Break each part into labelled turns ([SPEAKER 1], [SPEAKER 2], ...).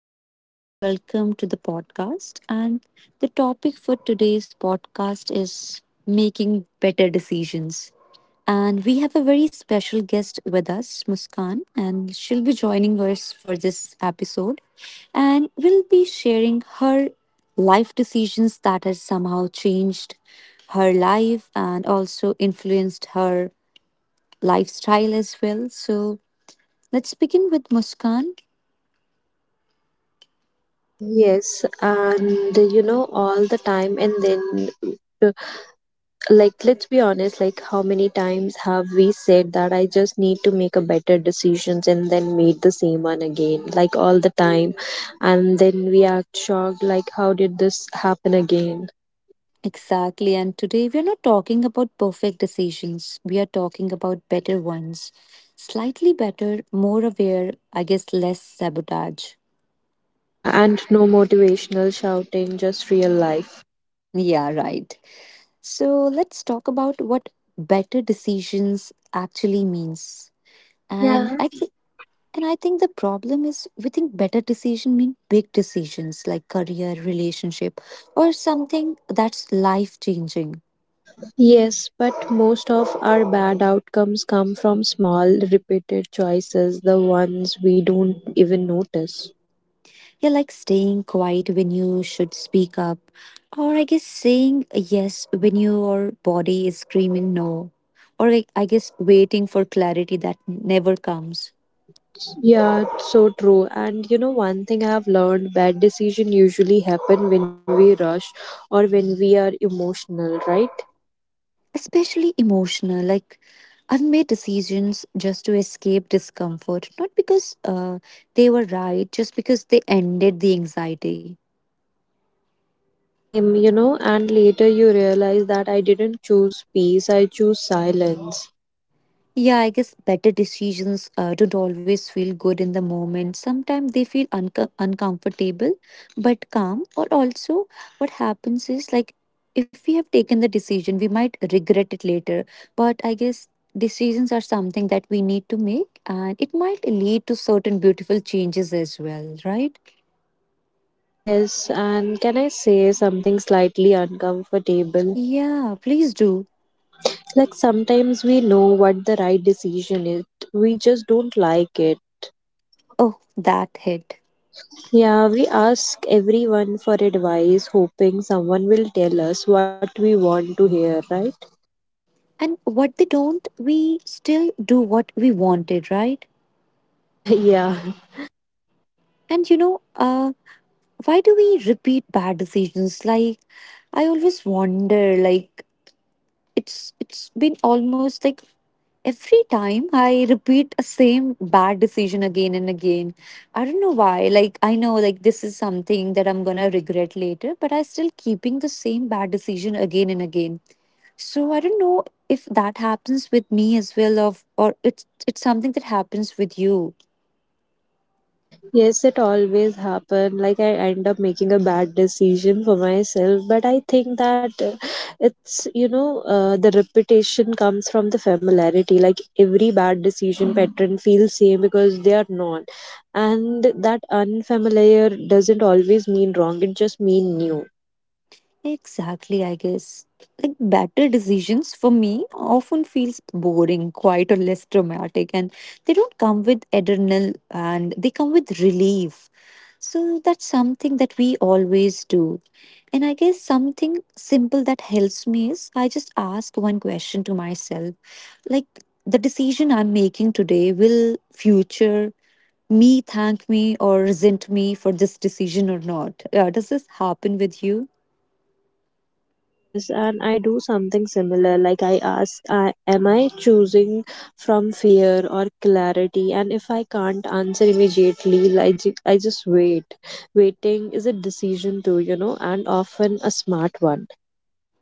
[SPEAKER 1] morning and welcome to the podcast. And the topic for today's podcast is making better decisions. And we have a very special guest with us, Muskan, and she'll be joining us for this episode. And we'll be sharing her life decisions that has somehow changed her life and also influenced her lifestyle as well. So let's begin with Muskan.
[SPEAKER 2] Yes, and you know, all the time, and then, uh, like, let's be honest, like, how many times have we said that I just need to make a better decisions and then made the same one again, like, all the time, and then we are shocked, like, how did this happen again?
[SPEAKER 1] Exactly. And today we are not talking about perfect decisions. We are talking about better ones. Slightly better, more aware, I guess less sabotage.
[SPEAKER 2] Yeah, and no motivational shouting, just real life.
[SPEAKER 1] Yeah, right. So let's talk about what better decisions actually means. And
[SPEAKER 2] Yeah.
[SPEAKER 1] I think and I think the problem is we think better decision mean big decisions like career, relationship, or something that's life changing.
[SPEAKER 2] Yes, but most of our bad outcomes come from small, repeated choices, the ones we don't even notice.
[SPEAKER 1] Yeah, like staying quiet when you should speak up, or I guess saying yes when your body is screaming no, or I guess waiting for clarity that never comes.
[SPEAKER 2] Yeah, it's so true. And you know, one thing I have learned, bad decision usually happen when we rush or when we are emotional, right?
[SPEAKER 1] Especially emotional, like I've made decisions just to escape discomfort, not because they were right, just because they ended the anxiety.
[SPEAKER 2] Same, you know, and later you realize that I didn't choose peace, I choose silence.
[SPEAKER 1] Yeah, I guess better decisions don't always feel good in the moment. Sometimes they feel uncomfortable but calm. Or also, what happens is like if we have taken the decision, we might regret it later. But I guess decisions are something that we need to make and it might lead to certain beautiful changes as well, right?
[SPEAKER 2] Yes, and can I say something slightly uncomfortable?
[SPEAKER 1] Yeah, please do.
[SPEAKER 2] Like sometimes we know what the right decision is, we just don't like it.
[SPEAKER 1] Oh, that hit.
[SPEAKER 2] Yeah, we ask everyone for advice, hoping someone will tell us what we want to hear, right?
[SPEAKER 1] And what they don't, we still do what we wanted, right?
[SPEAKER 2] Yeah.
[SPEAKER 1] And you know, why do we repeat bad decisions? Like I always wonder, like it's been almost like every time I repeat a same bad decision again and again. I don't know why. Like I know like this is something that I'm gonna regret later, but I still keeping the same bad decision again and again. So I don't know if that happens with me as well of or it's something that happens with you.
[SPEAKER 2] Yes, it always happen. Like I end up making a bad decision for myself, but I think that it's the reputation comes from the familiarity. Like every bad decision pattern feels same because they are not, and that unfamiliar doesn't always mean wrong. It just mean new.
[SPEAKER 1] Exactly, I guess. Like better decisions for me often feels boring, quite or less dramatic, and they don't come with adrenal and they come with relief. So that's something that we always do. And I guess something simple that helps me is I just ask one question to myself. Like the decision I'm making today will future me thank me or resent me for this decision or not? Does this happen with you?
[SPEAKER 2] Yes, and I do something similar. Like I ask, am I choosing from fear or clarity? And if I can't answer immediately, I just wait. Waiting is a decision too, you know, and often a smart one.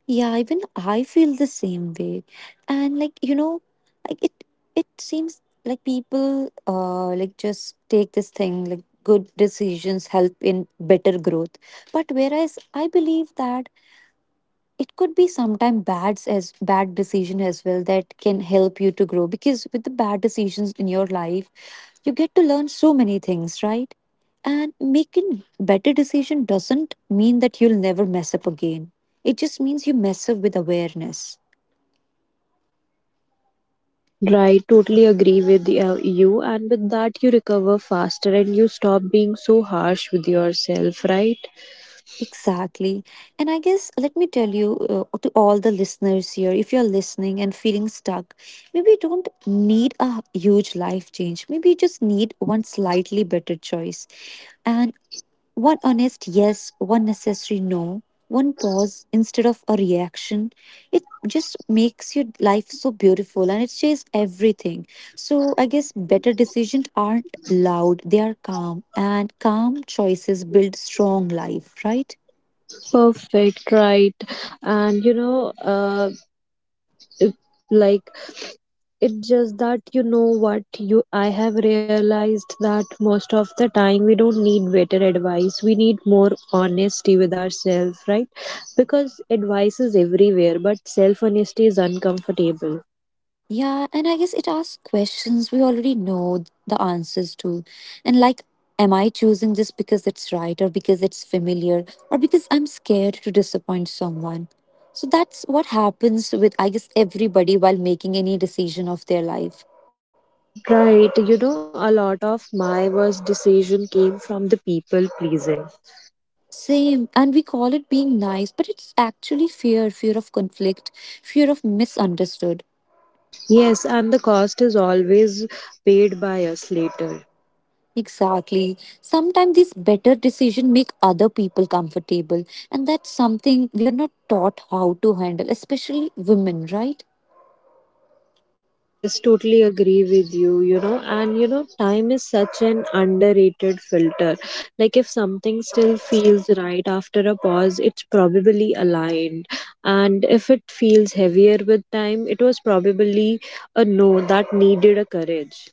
[SPEAKER 1] Yeah, even I feel the same way. And like, you know, like it seems like people like just take this thing like good decisions help in better growth. But whereas I believe that it could be sometime bads as bad decision as well that can help you to grow, because with the bad decisions in your life you get to learn so many things, right? And making better decision doesn't mean that you'll never mess up again, it just means you mess up with awareness.
[SPEAKER 2] Right, totally agree with you. And with that, you recover faster and you stop being so harsh with yourself, right?
[SPEAKER 1] Exactly. And I guess let me tell you, to all the listeners here, if you're listening and feeling stuck, maybe you don't need a huge life change. Maybe you just need one slightly better choice. And one honest yes, one necessary no, one pause instead of a reaction. It just makes your life so beautiful and it changes everything. So I guess better decisions aren't loud, they are calm, and calm choices build strong life, right?
[SPEAKER 2] Perfect, right. And you know, if, like it's just that you know what you I have realized that most of the time we don't need better advice, we need more honesty with ourselves, right? Because advice is everywhere, but self honesty is uncomfortable.
[SPEAKER 1] Yeah, and I guess it asks questions we already know the answers to. And like, am I choosing this because it's right or because it's familiar or because I'm scared to disappoint someone? So that's what happens with, I guess, everybody while making any decision of their life.
[SPEAKER 2] Right. You know, a lot of my worst decision came from the people pleasing.
[SPEAKER 1] Same. And we call it being nice, but it's actually fear of conflict, fear of misunderstood.
[SPEAKER 2] Yes, and the cost is always paid by us later.
[SPEAKER 1] Exactly. Sometimes these better decisions make other people comfortable, and that's something we are not taught how to handle, especially women, right?
[SPEAKER 2] Yes, totally agree with you, you know, and you know, time is such an underrated filter. Like, if something still feels right after a pause, it's probably aligned. And if it feels heavier with time, it was probably a no that needed a courage.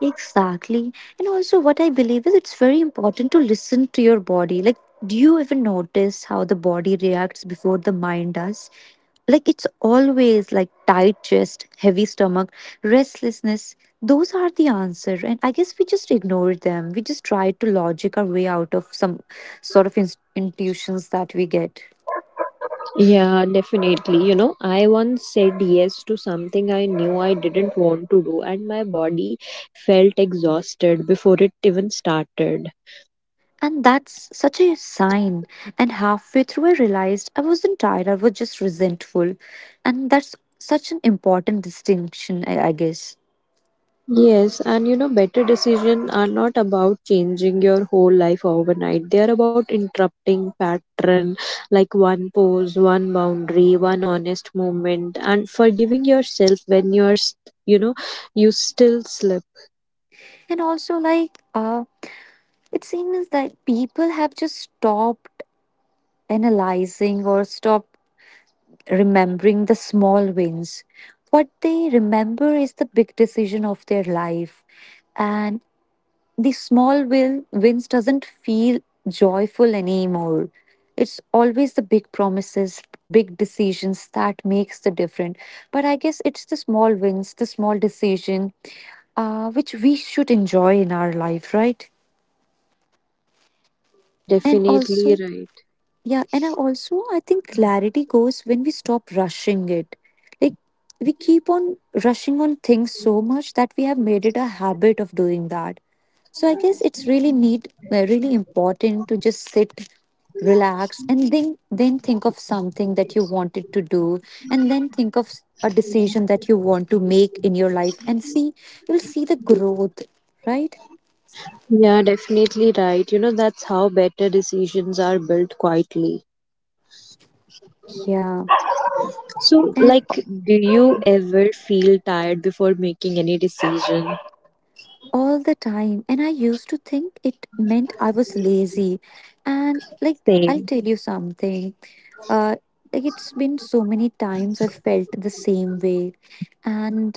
[SPEAKER 1] Exactly. And also, what I believe is it's very important to listen to your body. Like, do you even notice how the body reacts before the mind does? Like, it's always like tight chest, heavy stomach, restlessness. Those are the answer. And I guess we just ignore them. We just try to logic our way out of some sort of intuitions that we get.
[SPEAKER 2] Yeah, definitely. You know, I once said yes to something I knew I didn't want to do, and my body felt exhausted before it even started.
[SPEAKER 1] And that's such a sign. And halfway through, I realized I wasn't tired, I was just resentful. And that's such an important distinction, I guess.
[SPEAKER 2] Yes, and you know, better decisions are not about changing your whole life overnight. They are about interrupting pattern like one pose, one boundary, one honest moment, and forgiving yourself when you're, you know, you still slip.
[SPEAKER 1] And also, like, it seems that people have just stopped analyzing or stopped remembering the small wins. What they remember is the big decision of their life. And the small will wins doesn't feel joyful anymore. It's always the big promises, big decisions that makes the difference. But I guess it's the small wins, the small decision, which we should enjoy in our life, right?
[SPEAKER 2] Yes,
[SPEAKER 1] And
[SPEAKER 2] definitely
[SPEAKER 1] also,
[SPEAKER 2] right.
[SPEAKER 1] yeah, and I also I think clarity goes when we stop rushing it. Like we keep on rushing on things so much that we have made it a habit of doing that. So I guess it's really need really important to just sit, relax, and then think of something that you wanted to do, and then think of a decision that you want to make in your life, and see you'll see the growth, right?
[SPEAKER 2] Yeah, definitely right. You know, that's how better decisions are built quietly.
[SPEAKER 1] Yeah.
[SPEAKER 2] So,
[SPEAKER 1] and.
[SPEAKER 2] like, do you ever feel tired before making any decision?
[SPEAKER 1] All the time, and I used to think it meant I was lazy. And like, I'll
[SPEAKER 2] Same.
[SPEAKER 1] tell you something, uh, like, it's been so many times I've felt the same way, and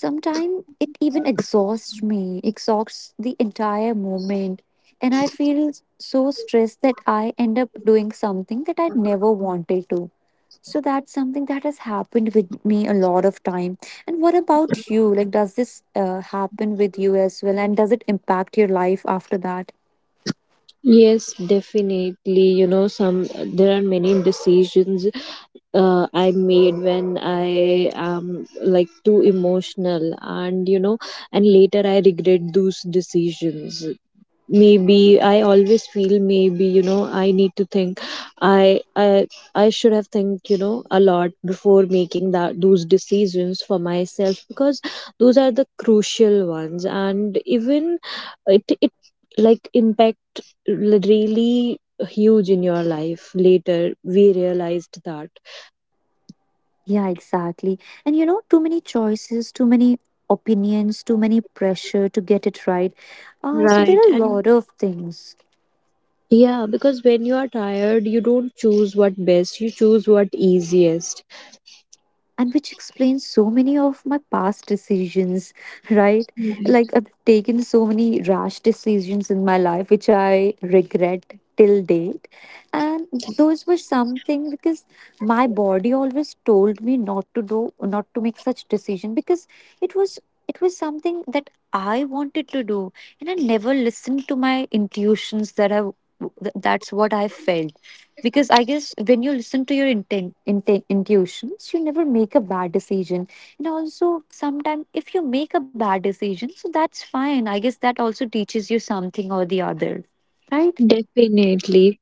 [SPEAKER 1] sometimes it even exhausts me, exhausts the entire moment, and I feel so stressed that I end up doing something that I never wanted to. So that's something that has happened with me a lot of time. And what about you? Like, does this happen with you as well? And does it impact your life after that?
[SPEAKER 2] Yes, definitely. You know, some there are many decisions I made when I am like too emotional, and you know, and later I regret those decisions. Maybe I always feel, maybe you know, I need to think, I i should have think, you know, a lot before making that those decisions for myself, because those are the crucial ones, and even it like impact really huge in your life, later we realized that.
[SPEAKER 1] Yeah, exactly. And you know, too many choices, too many opinions, too many pressure to get it right. So there
[SPEAKER 2] Right.
[SPEAKER 1] are a
[SPEAKER 2] And
[SPEAKER 1] lot of things.
[SPEAKER 2] yeah, because when you are tired, you don't choose what best, you choose what easiest.
[SPEAKER 1] And which explains so many of my past decisions, right? Like I've taken so many rash decisions in my life, which I regret till date. And those were something because my body always told me not to do, not to make such decision, because it was it was something that I wanted to do, and I never listened to my intuitions that I that's what I felt. Because I guess when you listen to your intent, inten intuitions, you never make a bad decision. And also sometimes if you make a bad decision, so that's fine, I guess that also teaches you something or the other, right?
[SPEAKER 2] Definitely.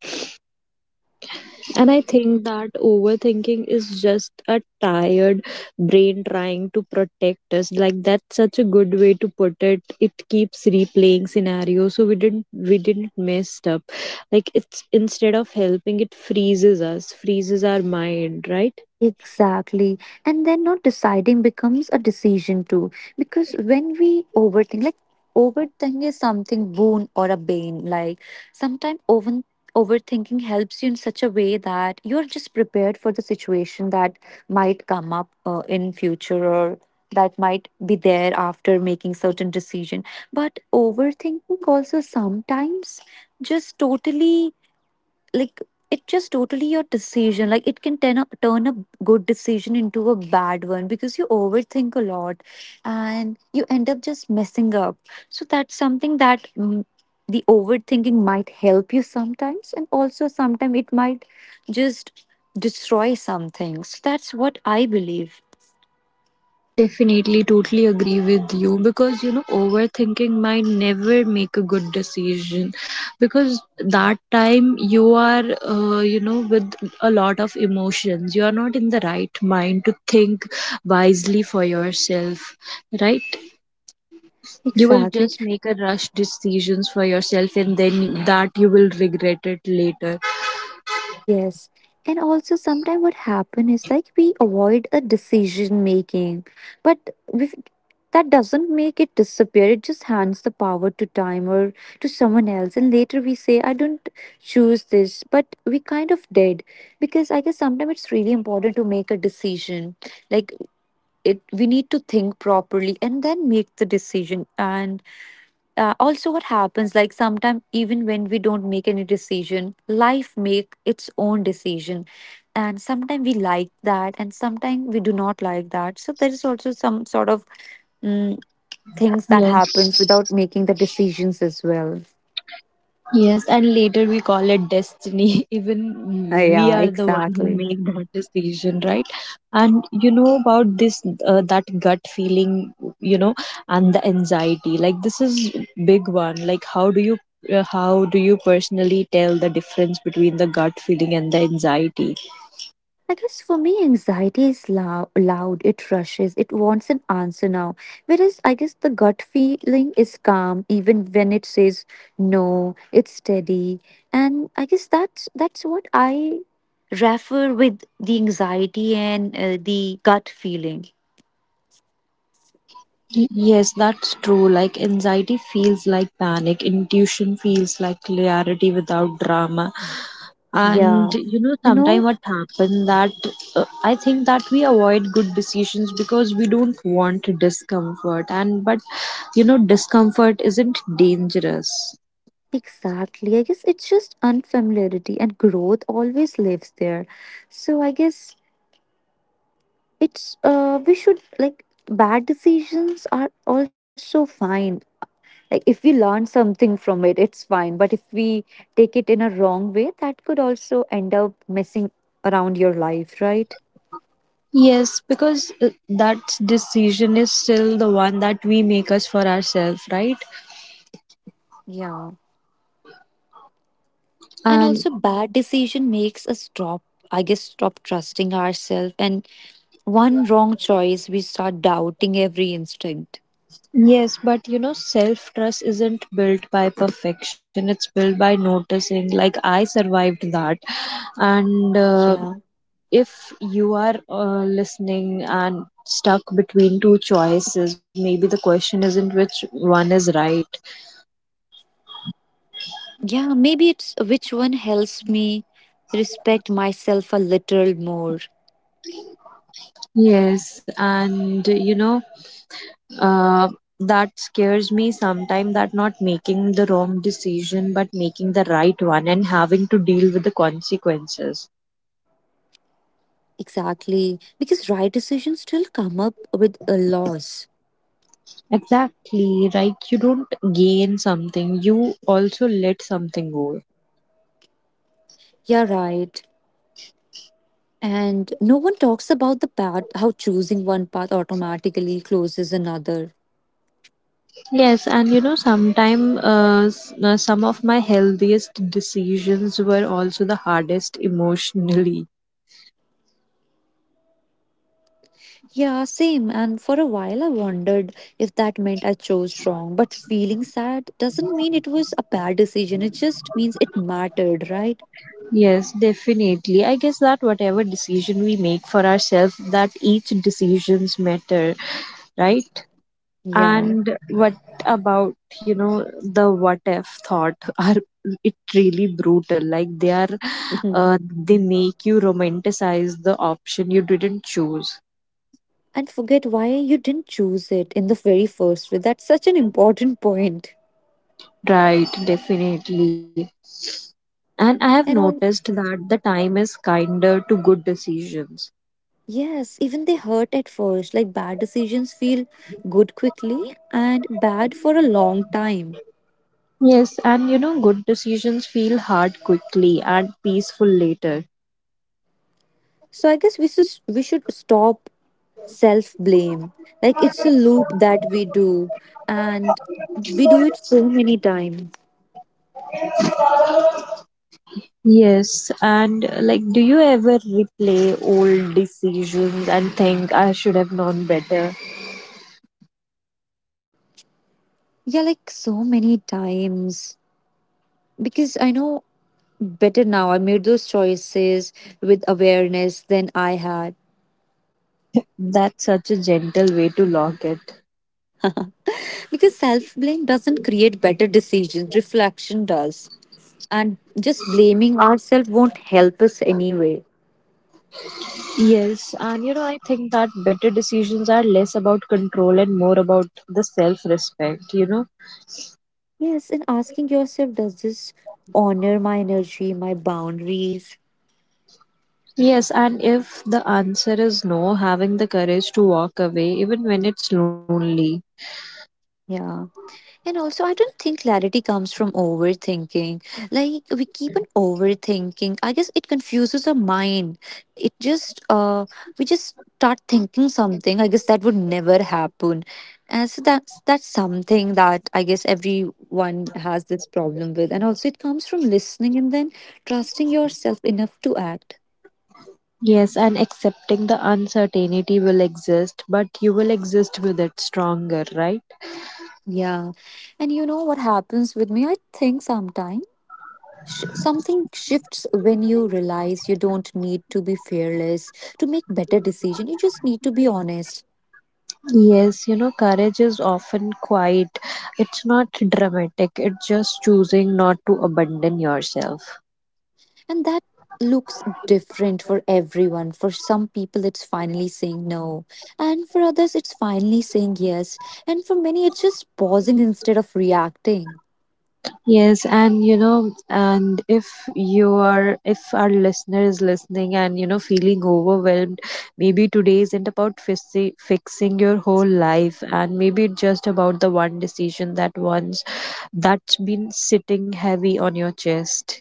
[SPEAKER 2] And I think that overthinking is just a tired brain trying to protect us. Like that's such a good way to put it. It keeps replaying scenarios, so we didn't mess up. Like it's instead of helping, it freezes us, freezes our mind, right?
[SPEAKER 1] Exactly. And then not deciding becomes a decision too. Because when we overthink, like, overthink is something boon or a bane. Like sometimes overthinking helps you in such a way that you're just prepared for the situation that might come up in future or that might be there after making certain decision. But overthinking also sometimes just totally, like, it just totally your decision, like it can turn turn a good decision into a bad one because you overthink a lot and you end up just messing up. So that's something that, the overthinking might help you sometimes, and also sometimes it might just destroy some things. So, that's what I believe.
[SPEAKER 2] Definitely, totally agree with you because you know, overthinking might never make a good decision because that time you are, you know, with a lot of emotions, you are not in the right mind to think wisely for yourself, right? You will
[SPEAKER 1] Exactly.
[SPEAKER 2] just make a rush decisions for yourself and then that you will regret it later.
[SPEAKER 1] Yes. And also sometimes what happen is like we avoid a decision making, but we that doesn't make it disappear. It just hands the power to time or to someone else. And later we say, I don't choose this, but we kind of did. Because I guess sometimes it's really important to make a decision. Like it we need to think properly and then make the decision. And also what happens like sometimes even when we don't make any decision, life make its own decision, and sometimes we like that and sometimes we do not like that. So there is also some sort of mm, things that happens without
[SPEAKER 2] Yes.
[SPEAKER 1] making the decisions as well.
[SPEAKER 2] Yes, and later we call it destiny.
[SPEAKER 1] Uh,
[SPEAKER 2] Even
[SPEAKER 1] yeah
[SPEAKER 2] we are the one who
[SPEAKER 1] exactly.
[SPEAKER 2] make that decision, right? And you know about this, that gut feeling, you know, and the anxiety. Like this is big one. Like how do you personally tell the difference between the gut feeling and the anxiety?
[SPEAKER 1] I guess for me, anxiety is loud. It rushes. It wants an answer now. Whereas I guess the gut feeling is calm, even when it says no. It's steady, and I guess that's what I refer with the anxiety and the gut feeling.
[SPEAKER 2] Yes, that's true. Like anxiety feels like panic, intuition feels like clarity without drama. And
[SPEAKER 1] Yeah,
[SPEAKER 2] you know,
[SPEAKER 1] you
[SPEAKER 2] sometimes
[SPEAKER 1] know,
[SPEAKER 2] what happens that I think that we avoid good decisions because we don't want discomfort. And but you know, discomfort isn't dangerous.
[SPEAKER 1] exactly. I guess it's just unfamiliarity, and growth always lives there. So I guess it's we should like bad decisions are also fine, like if we learn something from it it's fine, but if we take it in a wrong way that could also end up messing around your life, right?
[SPEAKER 2] Yes, because that decision is still the one that we make us for ourselves, right?
[SPEAKER 1] Yeah, and
[SPEAKER 2] And.
[SPEAKER 1] also bad decision makes us stop, I guess stop trusting ourselves. And one wrong choice, we start doubting every instinct.
[SPEAKER 2] Yes, but you know, self trust isn't built by perfection. It's built by noticing, like, I survived that. And
[SPEAKER 1] yeah
[SPEAKER 2] if you are listening and stuck between two choices, maybe the question isn't which one is right.
[SPEAKER 1] yeah, maybe it's which one helps me respect myself a little more.
[SPEAKER 2] Yes, and you know, uh, that scares me sometimes, that not making the wrong decision, but making the right one and having to deal with the consequences.
[SPEAKER 1] Exactly, because right decisions still come up with a loss.
[SPEAKER 2] Exactly, like you don't gain something, you also let something go.
[SPEAKER 1] Yeah, right. And no one talks about the path, how choosing one path automatically closes another.
[SPEAKER 2] Yes, and you know, sometime some of my healthiest decisions were also the hardest emotionally.
[SPEAKER 1] Yeah, same. And for a while, I wondered if that meant I chose wrong. But feeling sad doesn't mean it was a bad decision, it just means it mattered, right?
[SPEAKER 2] Yes, definitely. I guess that whatever decision we make for ourselves, that each decisions matter, right?
[SPEAKER 1] Yeah.
[SPEAKER 2] And what about, you know, the what if thought are it really brutal. Like they are,
[SPEAKER 1] Mhm.
[SPEAKER 2] they make you romanticize the option you didn't choose.
[SPEAKER 1] And forget why you didn't choose it in the very first place. That's such an important point.
[SPEAKER 2] Right, definitely. And I have
[SPEAKER 1] And
[SPEAKER 2] noticed
[SPEAKER 1] all,
[SPEAKER 2] that the time is kinder to good decisions.
[SPEAKER 1] yes, even they hurt at first. Like bad decisions feel good quickly and bad for a long time.
[SPEAKER 2] Yes, and you know, good decisions feel hard quickly and peaceful later.
[SPEAKER 1] So I guess we should stop self blame. Like it's a loop that we do, and we do it so many times.
[SPEAKER 2] Yes, and like, do you ever replay old decisions and think I should have known better?
[SPEAKER 1] Yeah, like so many times. Because I know better now. I made those choices with awareness than I had.
[SPEAKER 2] That's such a gentle way to lock it.
[SPEAKER 1] Because self blame doesn't create better decisions, reflection does. And just blaming ourselves won't help us anyway.
[SPEAKER 2] Yes, and you know, I think that better decisions are less about control and more about the self respect, you know?
[SPEAKER 1] Yes, and asking yourself, does this honor my energy, my boundaries?
[SPEAKER 2] Yes, and if the answer is no, having the courage to walk away, even when it's lonely.
[SPEAKER 1] Yeah. And also, I don't think clarity comes from overthinking. Like, we keep on overthinking. I guess it confuses our mind. It just, we just start thinking something. I guess that would never happen. And so that's something that I guess everyone has this problem with. And also, it comes from listening and then trusting yourself enough to act.
[SPEAKER 2] Yes, and accepting the uncertainty will exist, but you will exist with it stronger, right?
[SPEAKER 1] Yeah. And you know what happens with me? I think sometimes. Something shifts when you realize you don't need to be fearless to make better decision, you just need to be honest.
[SPEAKER 2] Yes, you know, courage is often quiet. It's not dramatic, it's just choosing not to abandon yourself.
[SPEAKER 1] And that looks different for everyone. For some people it's finally saying no, and for others it's finally saying yes, and for many it's just pausing instead of reacting.
[SPEAKER 2] Yes, and you know, and if you are, if our listener is listening and you know, feeling overwhelmed, maybe today isn't about fixing your whole life, and maybe it's just about the one decision that once that's been sitting heavy on your chest.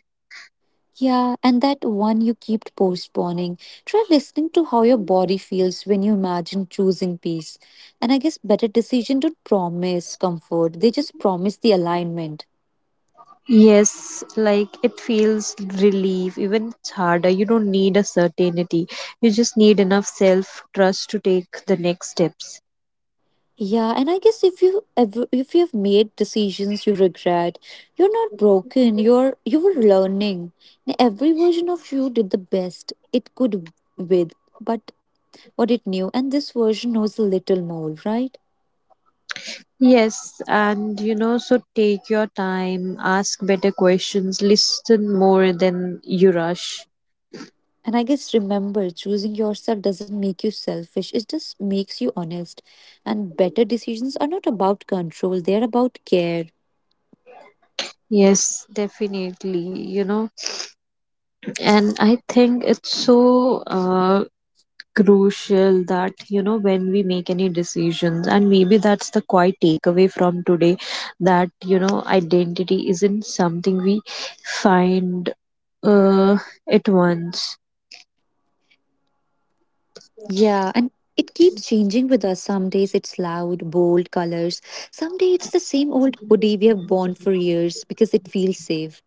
[SPEAKER 1] Yeah, and that one you keep postponing. Try listening to how your body feels when you imagine choosing peace. And I guess better decision don't promise comfort. They just promise the alignment.
[SPEAKER 2] Yes, like it feels relief, even it's harder. You don't need a certainty, you just need enough self trust to take the next steps.
[SPEAKER 1] Yeah, and I guess if you've made decisions you regret, you're not broken. You were learning. And every version of you did the best it could with, but what it knew, and this version knows a little more, right?
[SPEAKER 2] Yes, and you know, so take your time, ask better questions, listen more than you rush.
[SPEAKER 1] And I guess remember, choosing yourself doesn't make you selfish, it just makes you honest. And better decisions are not about control, they're about care.
[SPEAKER 2] Yes, definitely, you know, and I think it's so crucial that, you know, when we make any decisions, and maybe that's the quite takeaway from today, that you know, identity isn't something we find, uh, at once.
[SPEAKER 1] Yeah, and it keeps changing with us. Some days it's loud, bold colors. Some day it's the same old hoodie we have worn for years because it feels safe.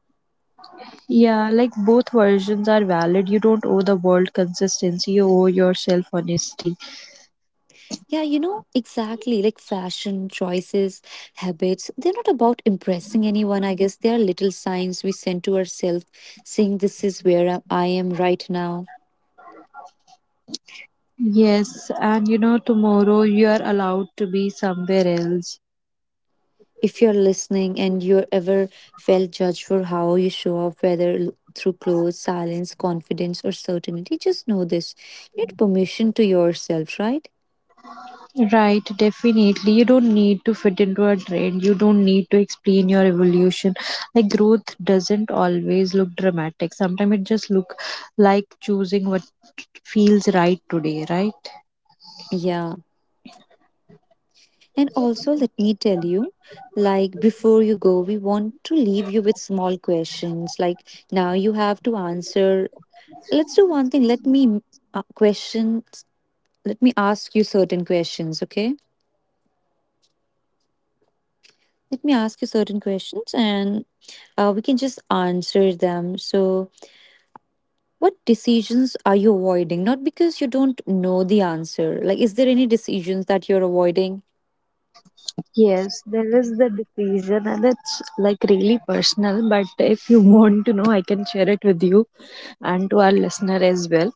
[SPEAKER 2] Yeah, like both versions are valid. You don't owe the world consistency, you owe yourself honesty.
[SPEAKER 1] Yeah, you know, exactly. Like fashion, choices, habits, they're not about impressing anyone, I guess. They are little signs we send to ourselves saying, "This is where I am right now."
[SPEAKER 2] Yes, and you know, tomorrow you are allowed to be somewhere else.
[SPEAKER 1] If you're listening and you ever felt judged for how you show up, whether through clothes, silence, confidence, or certainty, just know this. You need permission to yourself, right?
[SPEAKER 2] Right, definitely. You don't need to fit into a trend. You don't need to explain your evolution. Like growth doesn't always look dramatic. Sometimes it just look like choosing what feels right today, right?
[SPEAKER 1] Yeah. And also, let me tell you, like before you go, we want to leave you with small questions. Like now you have to answer. Let's do one thing. Let me questions. Let me ask you certain questions, okay? Let me ask you certain questions and we can just answer them. So, what decisions are you avoiding? Not because you don't know the answer. Like, is there any decisions that you're avoiding?
[SPEAKER 2] Yes, there is the decision, and it's like really personal. But if you want to know, I can share it with you and to our listener as well.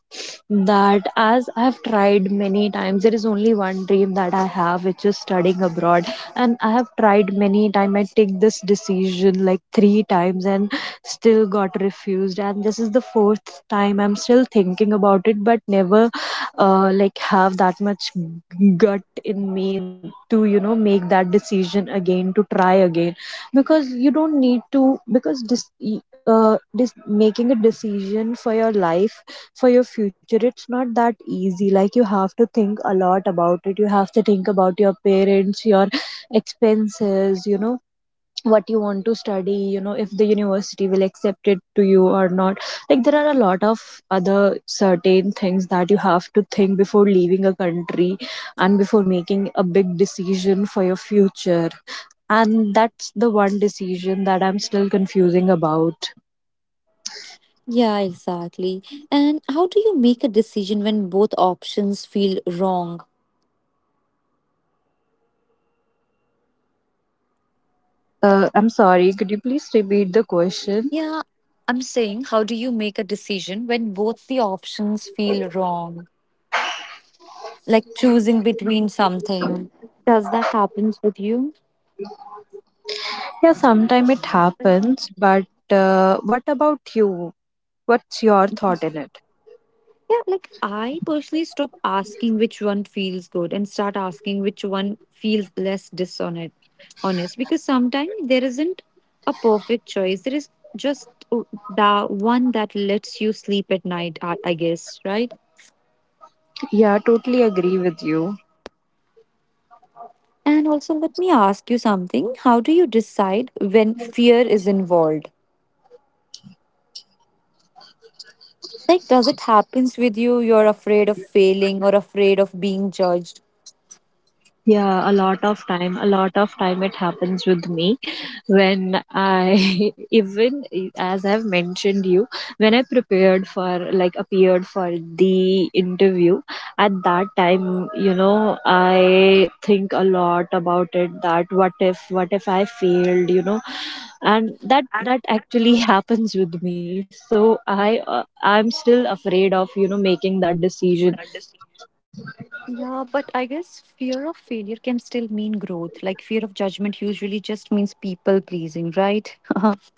[SPEAKER 2] That as I've tried many times, there is only one dream that I have, which is studying abroad. And I have tried many times. I take this decision like 3 times and still got refused. And this is the 4th time I'm still thinking about it, but never like have that much gut in me to you know make that decision again to try again, because you don't need to, because this, this making a decision for your life, for your future, it's not that easy, like you have to think a lot about it, you have to think about your parents, your expenses, you know, what you want to study, you know, if the university will accept it to you or not, like there are a lot of other certain things that you have to think before leaving a country, and before making a big decision for your future, and that's the one decision that I'm still confusing about.
[SPEAKER 1] Yeah, exactly. And how do you make a decision when both options feel wrong?
[SPEAKER 2] I'm sorry, could you please repeat the question?
[SPEAKER 1] Yeah, I'm saying, how do you make a decision when both the options feel wrong? Like choosing between something. Does that happen with you?
[SPEAKER 2] Yeah, sometime it happens, but what about you, what's your thought in it?
[SPEAKER 1] Yeah, like I personally stop asking which one feels good and start asking which one feels less dishonest. Honest, because sometimes there isn't a perfect choice. There is just the one that lets you sleep at night. I guess, right?
[SPEAKER 2] Yeah, totally agree with you.
[SPEAKER 1] And also, let me ask you something. How do you decide when fear is involved? Like, does it happens with you? You're afraid of failing or afraid of being judged?
[SPEAKER 2] Yeah, a lot of time, a lot of time it happens with me when I, even as I've mentioned you, when I prepared for, like, appeared for the interview, at that time, you know, I think a lot about it, that what if I failed, you know, and that actually happens with me, so I'm still afraid of you know making that decision.
[SPEAKER 1] Yeah, but I guess fear of failure can still mean growth. Like fear of judgment usually just means people pleasing, right? But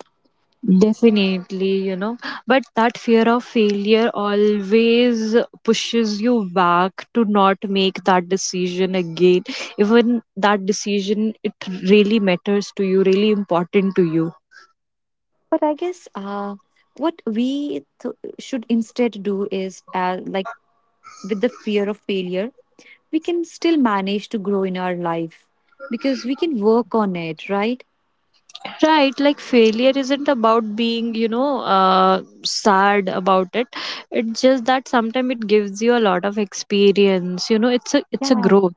[SPEAKER 2] Definitely, you know, but that fear of failure always pushes you back to not make that decision again. Even that decision, it really matters to you, really important to you.
[SPEAKER 1] I guess what we should instead do is like, with the fear of failure, we can still manage to grow in our life because we can work on it, right?
[SPEAKER 2] Right, like failure isn't about being, you know, sad about it. It's just that sometimes it gives you a lot of experience. You know, it's a
[SPEAKER 1] Yeah.
[SPEAKER 2] growth.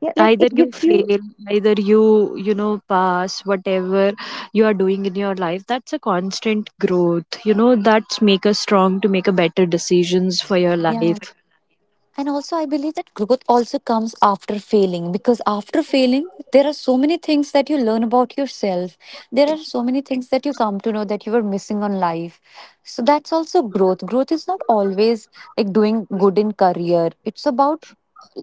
[SPEAKER 1] Yeah, like
[SPEAKER 2] Either
[SPEAKER 1] it
[SPEAKER 2] you
[SPEAKER 1] gives you.
[SPEAKER 2] fail, either you know pass, whatever you are doing in your life, that's a constant growth, you know, that's make us strong to make a better decisions for your
[SPEAKER 1] Yeah.
[SPEAKER 2] life.
[SPEAKER 1] And also, I believe that growth also comes after failing because after failing, there are so many things that you learn about yourself. There are so many things that you come to know that you were missing on life. So that's also growth. Growth is not always like doing good in career, it's about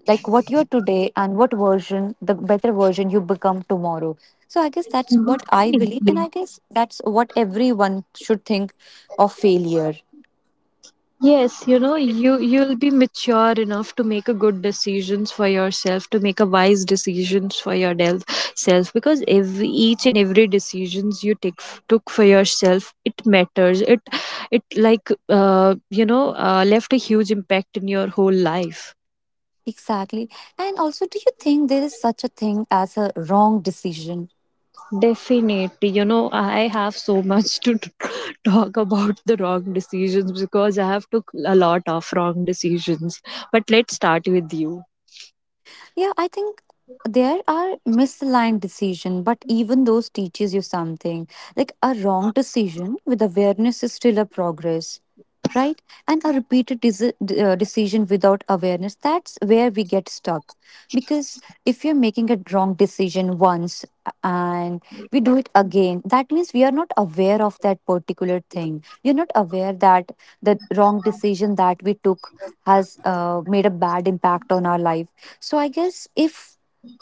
[SPEAKER 1] like what you're today and what version, the better version you become tomorrow. So I guess that's what I believe. And
[SPEAKER 2] Definitely.
[SPEAKER 1] I guess that's what everyone should think of failure.
[SPEAKER 2] Yes, you know, you'll be mature enough to make a good decisions for yourself, to make a wise decisions for your self, because every each and every decisions you took for yourself, it matters. It like you know, left a huge impact in your whole life.
[SPEAKER 1] Exactly. And also, do you think there is such a thing as a wrong decision?
[SPEAKER 2] Definitely, you know, I have so much to talk about the wrong decisions because I have took a lot of wrong decisions. But let's start with you.
[SPEAKER 1] Yeah, I think there are misaligned decision, but even those teaches you something. Like a wrong decision with awareness is still a progress, right? And a repeated decision without awareness, that's where we get stuck. Because if you're making a wrong decision once, and we do it again, that means we are not aware of that particular thing. We are not aware that the wrong decision that we took has made a bad impact on our life. So I guess if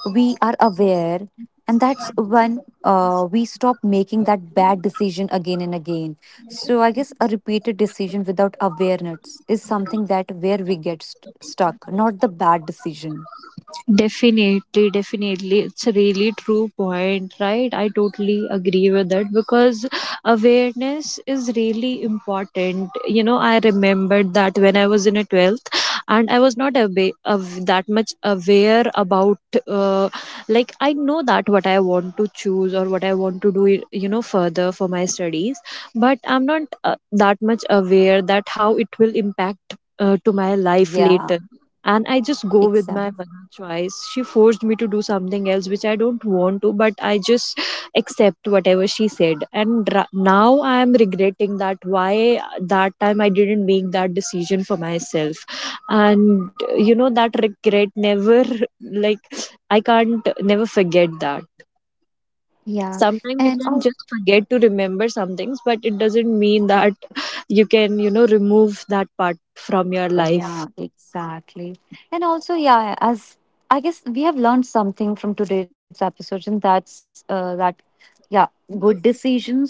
[SPEAKER 1] we are aware, and that's when we stop making that bad decision again and again. So I guess a repeated decision without awareness is something that where we get stuck, not the bad decision.
[SPEAKER 2] Definitely, definitely. It's a really true point, right? I totally agree with that because awareness is really important. You know, I remembered that when I was in a 12th, and I was not that much aware about, uh, like, I know that what I want to choose or what I want to do, you know, further for my studies, but I'm not that much aware that how it will impact to my life
[SPEAKER 1] Yeah,
[SPEAKER 2] later. And I just go with my
[SPEAKER 1] exactly.
[SPEAKER 2] mother choice. She forced me to do something else which I don't want to, but I just accept whatever she said. And now I am regretting that why that time I didn't make that decision for myself. And you know, that regret never, like, I can't never forget that.
[SPEAKER 1] Yeah,
[SPEAKER 2] Sometimes you
[SPEAKER 1] and
[SPEAKER 2] can
[SPEAKER 1] oh,
[SPEAKER 2] just forget to remember some things, but it doesn't mean that you can, you know, remove that part from your
[SPEAKER 1] yeah,
[SPEAKER 2] life.
[SPEAKER 1] exactly. And also, yeah, as I guess we have learned something from today's episode, and that's that, yeah, good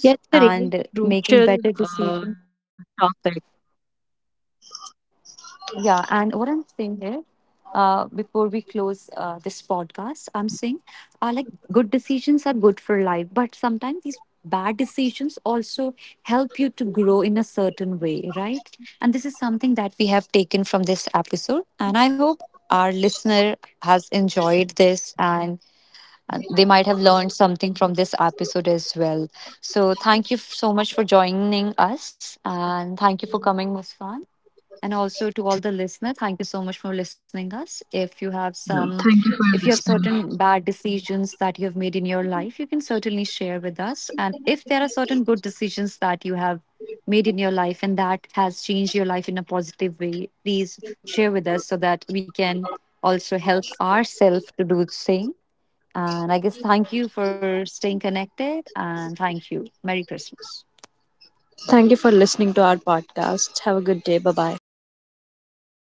[SPEAKER 2] Yeah, it's a really
[SPEAKER 1] and making
[SPEAKER 2] crucial
[SPEAKER 1] better decisions.
[SPEAKER 2] topic.
[SPEAKER 1] Yeah, and what I'm saying here, before we close this podcast, I'm saying, like, good decisions are good for life, but sometimes these bad decisions also help you to grow in a certain way, right? And this is something that we have taken from this episode, and I hope our listener has enjoyed this, and they might have learned something from this episode as well. So, thank you so much for joining us, and thank you for coming, Muskan. And also to all the listeners, thank you so much for listening us. If you have
[SPEAKER 2] Yeah,
[SPEAKER 1] some,
[SPEAKER 2] thank you
[SPEAKER 1] if you
[SPEAKER 2] for
[SPEAKER 1] have
[SPEAKER 2] listening.
[SPEAKER 1] certain bad decisions that you have made in your life, you can certainly share with us. And if there are certain good decisions that you have made in your life and that has changed your life in a positive way, please share with us so that we can also help ourselves to do the same. And I guess thank you for staying connected, and thank you. Merry Christmas.
[SPEAKER 2] Thank you for listening to our podcast. Have a good day. Bye bye.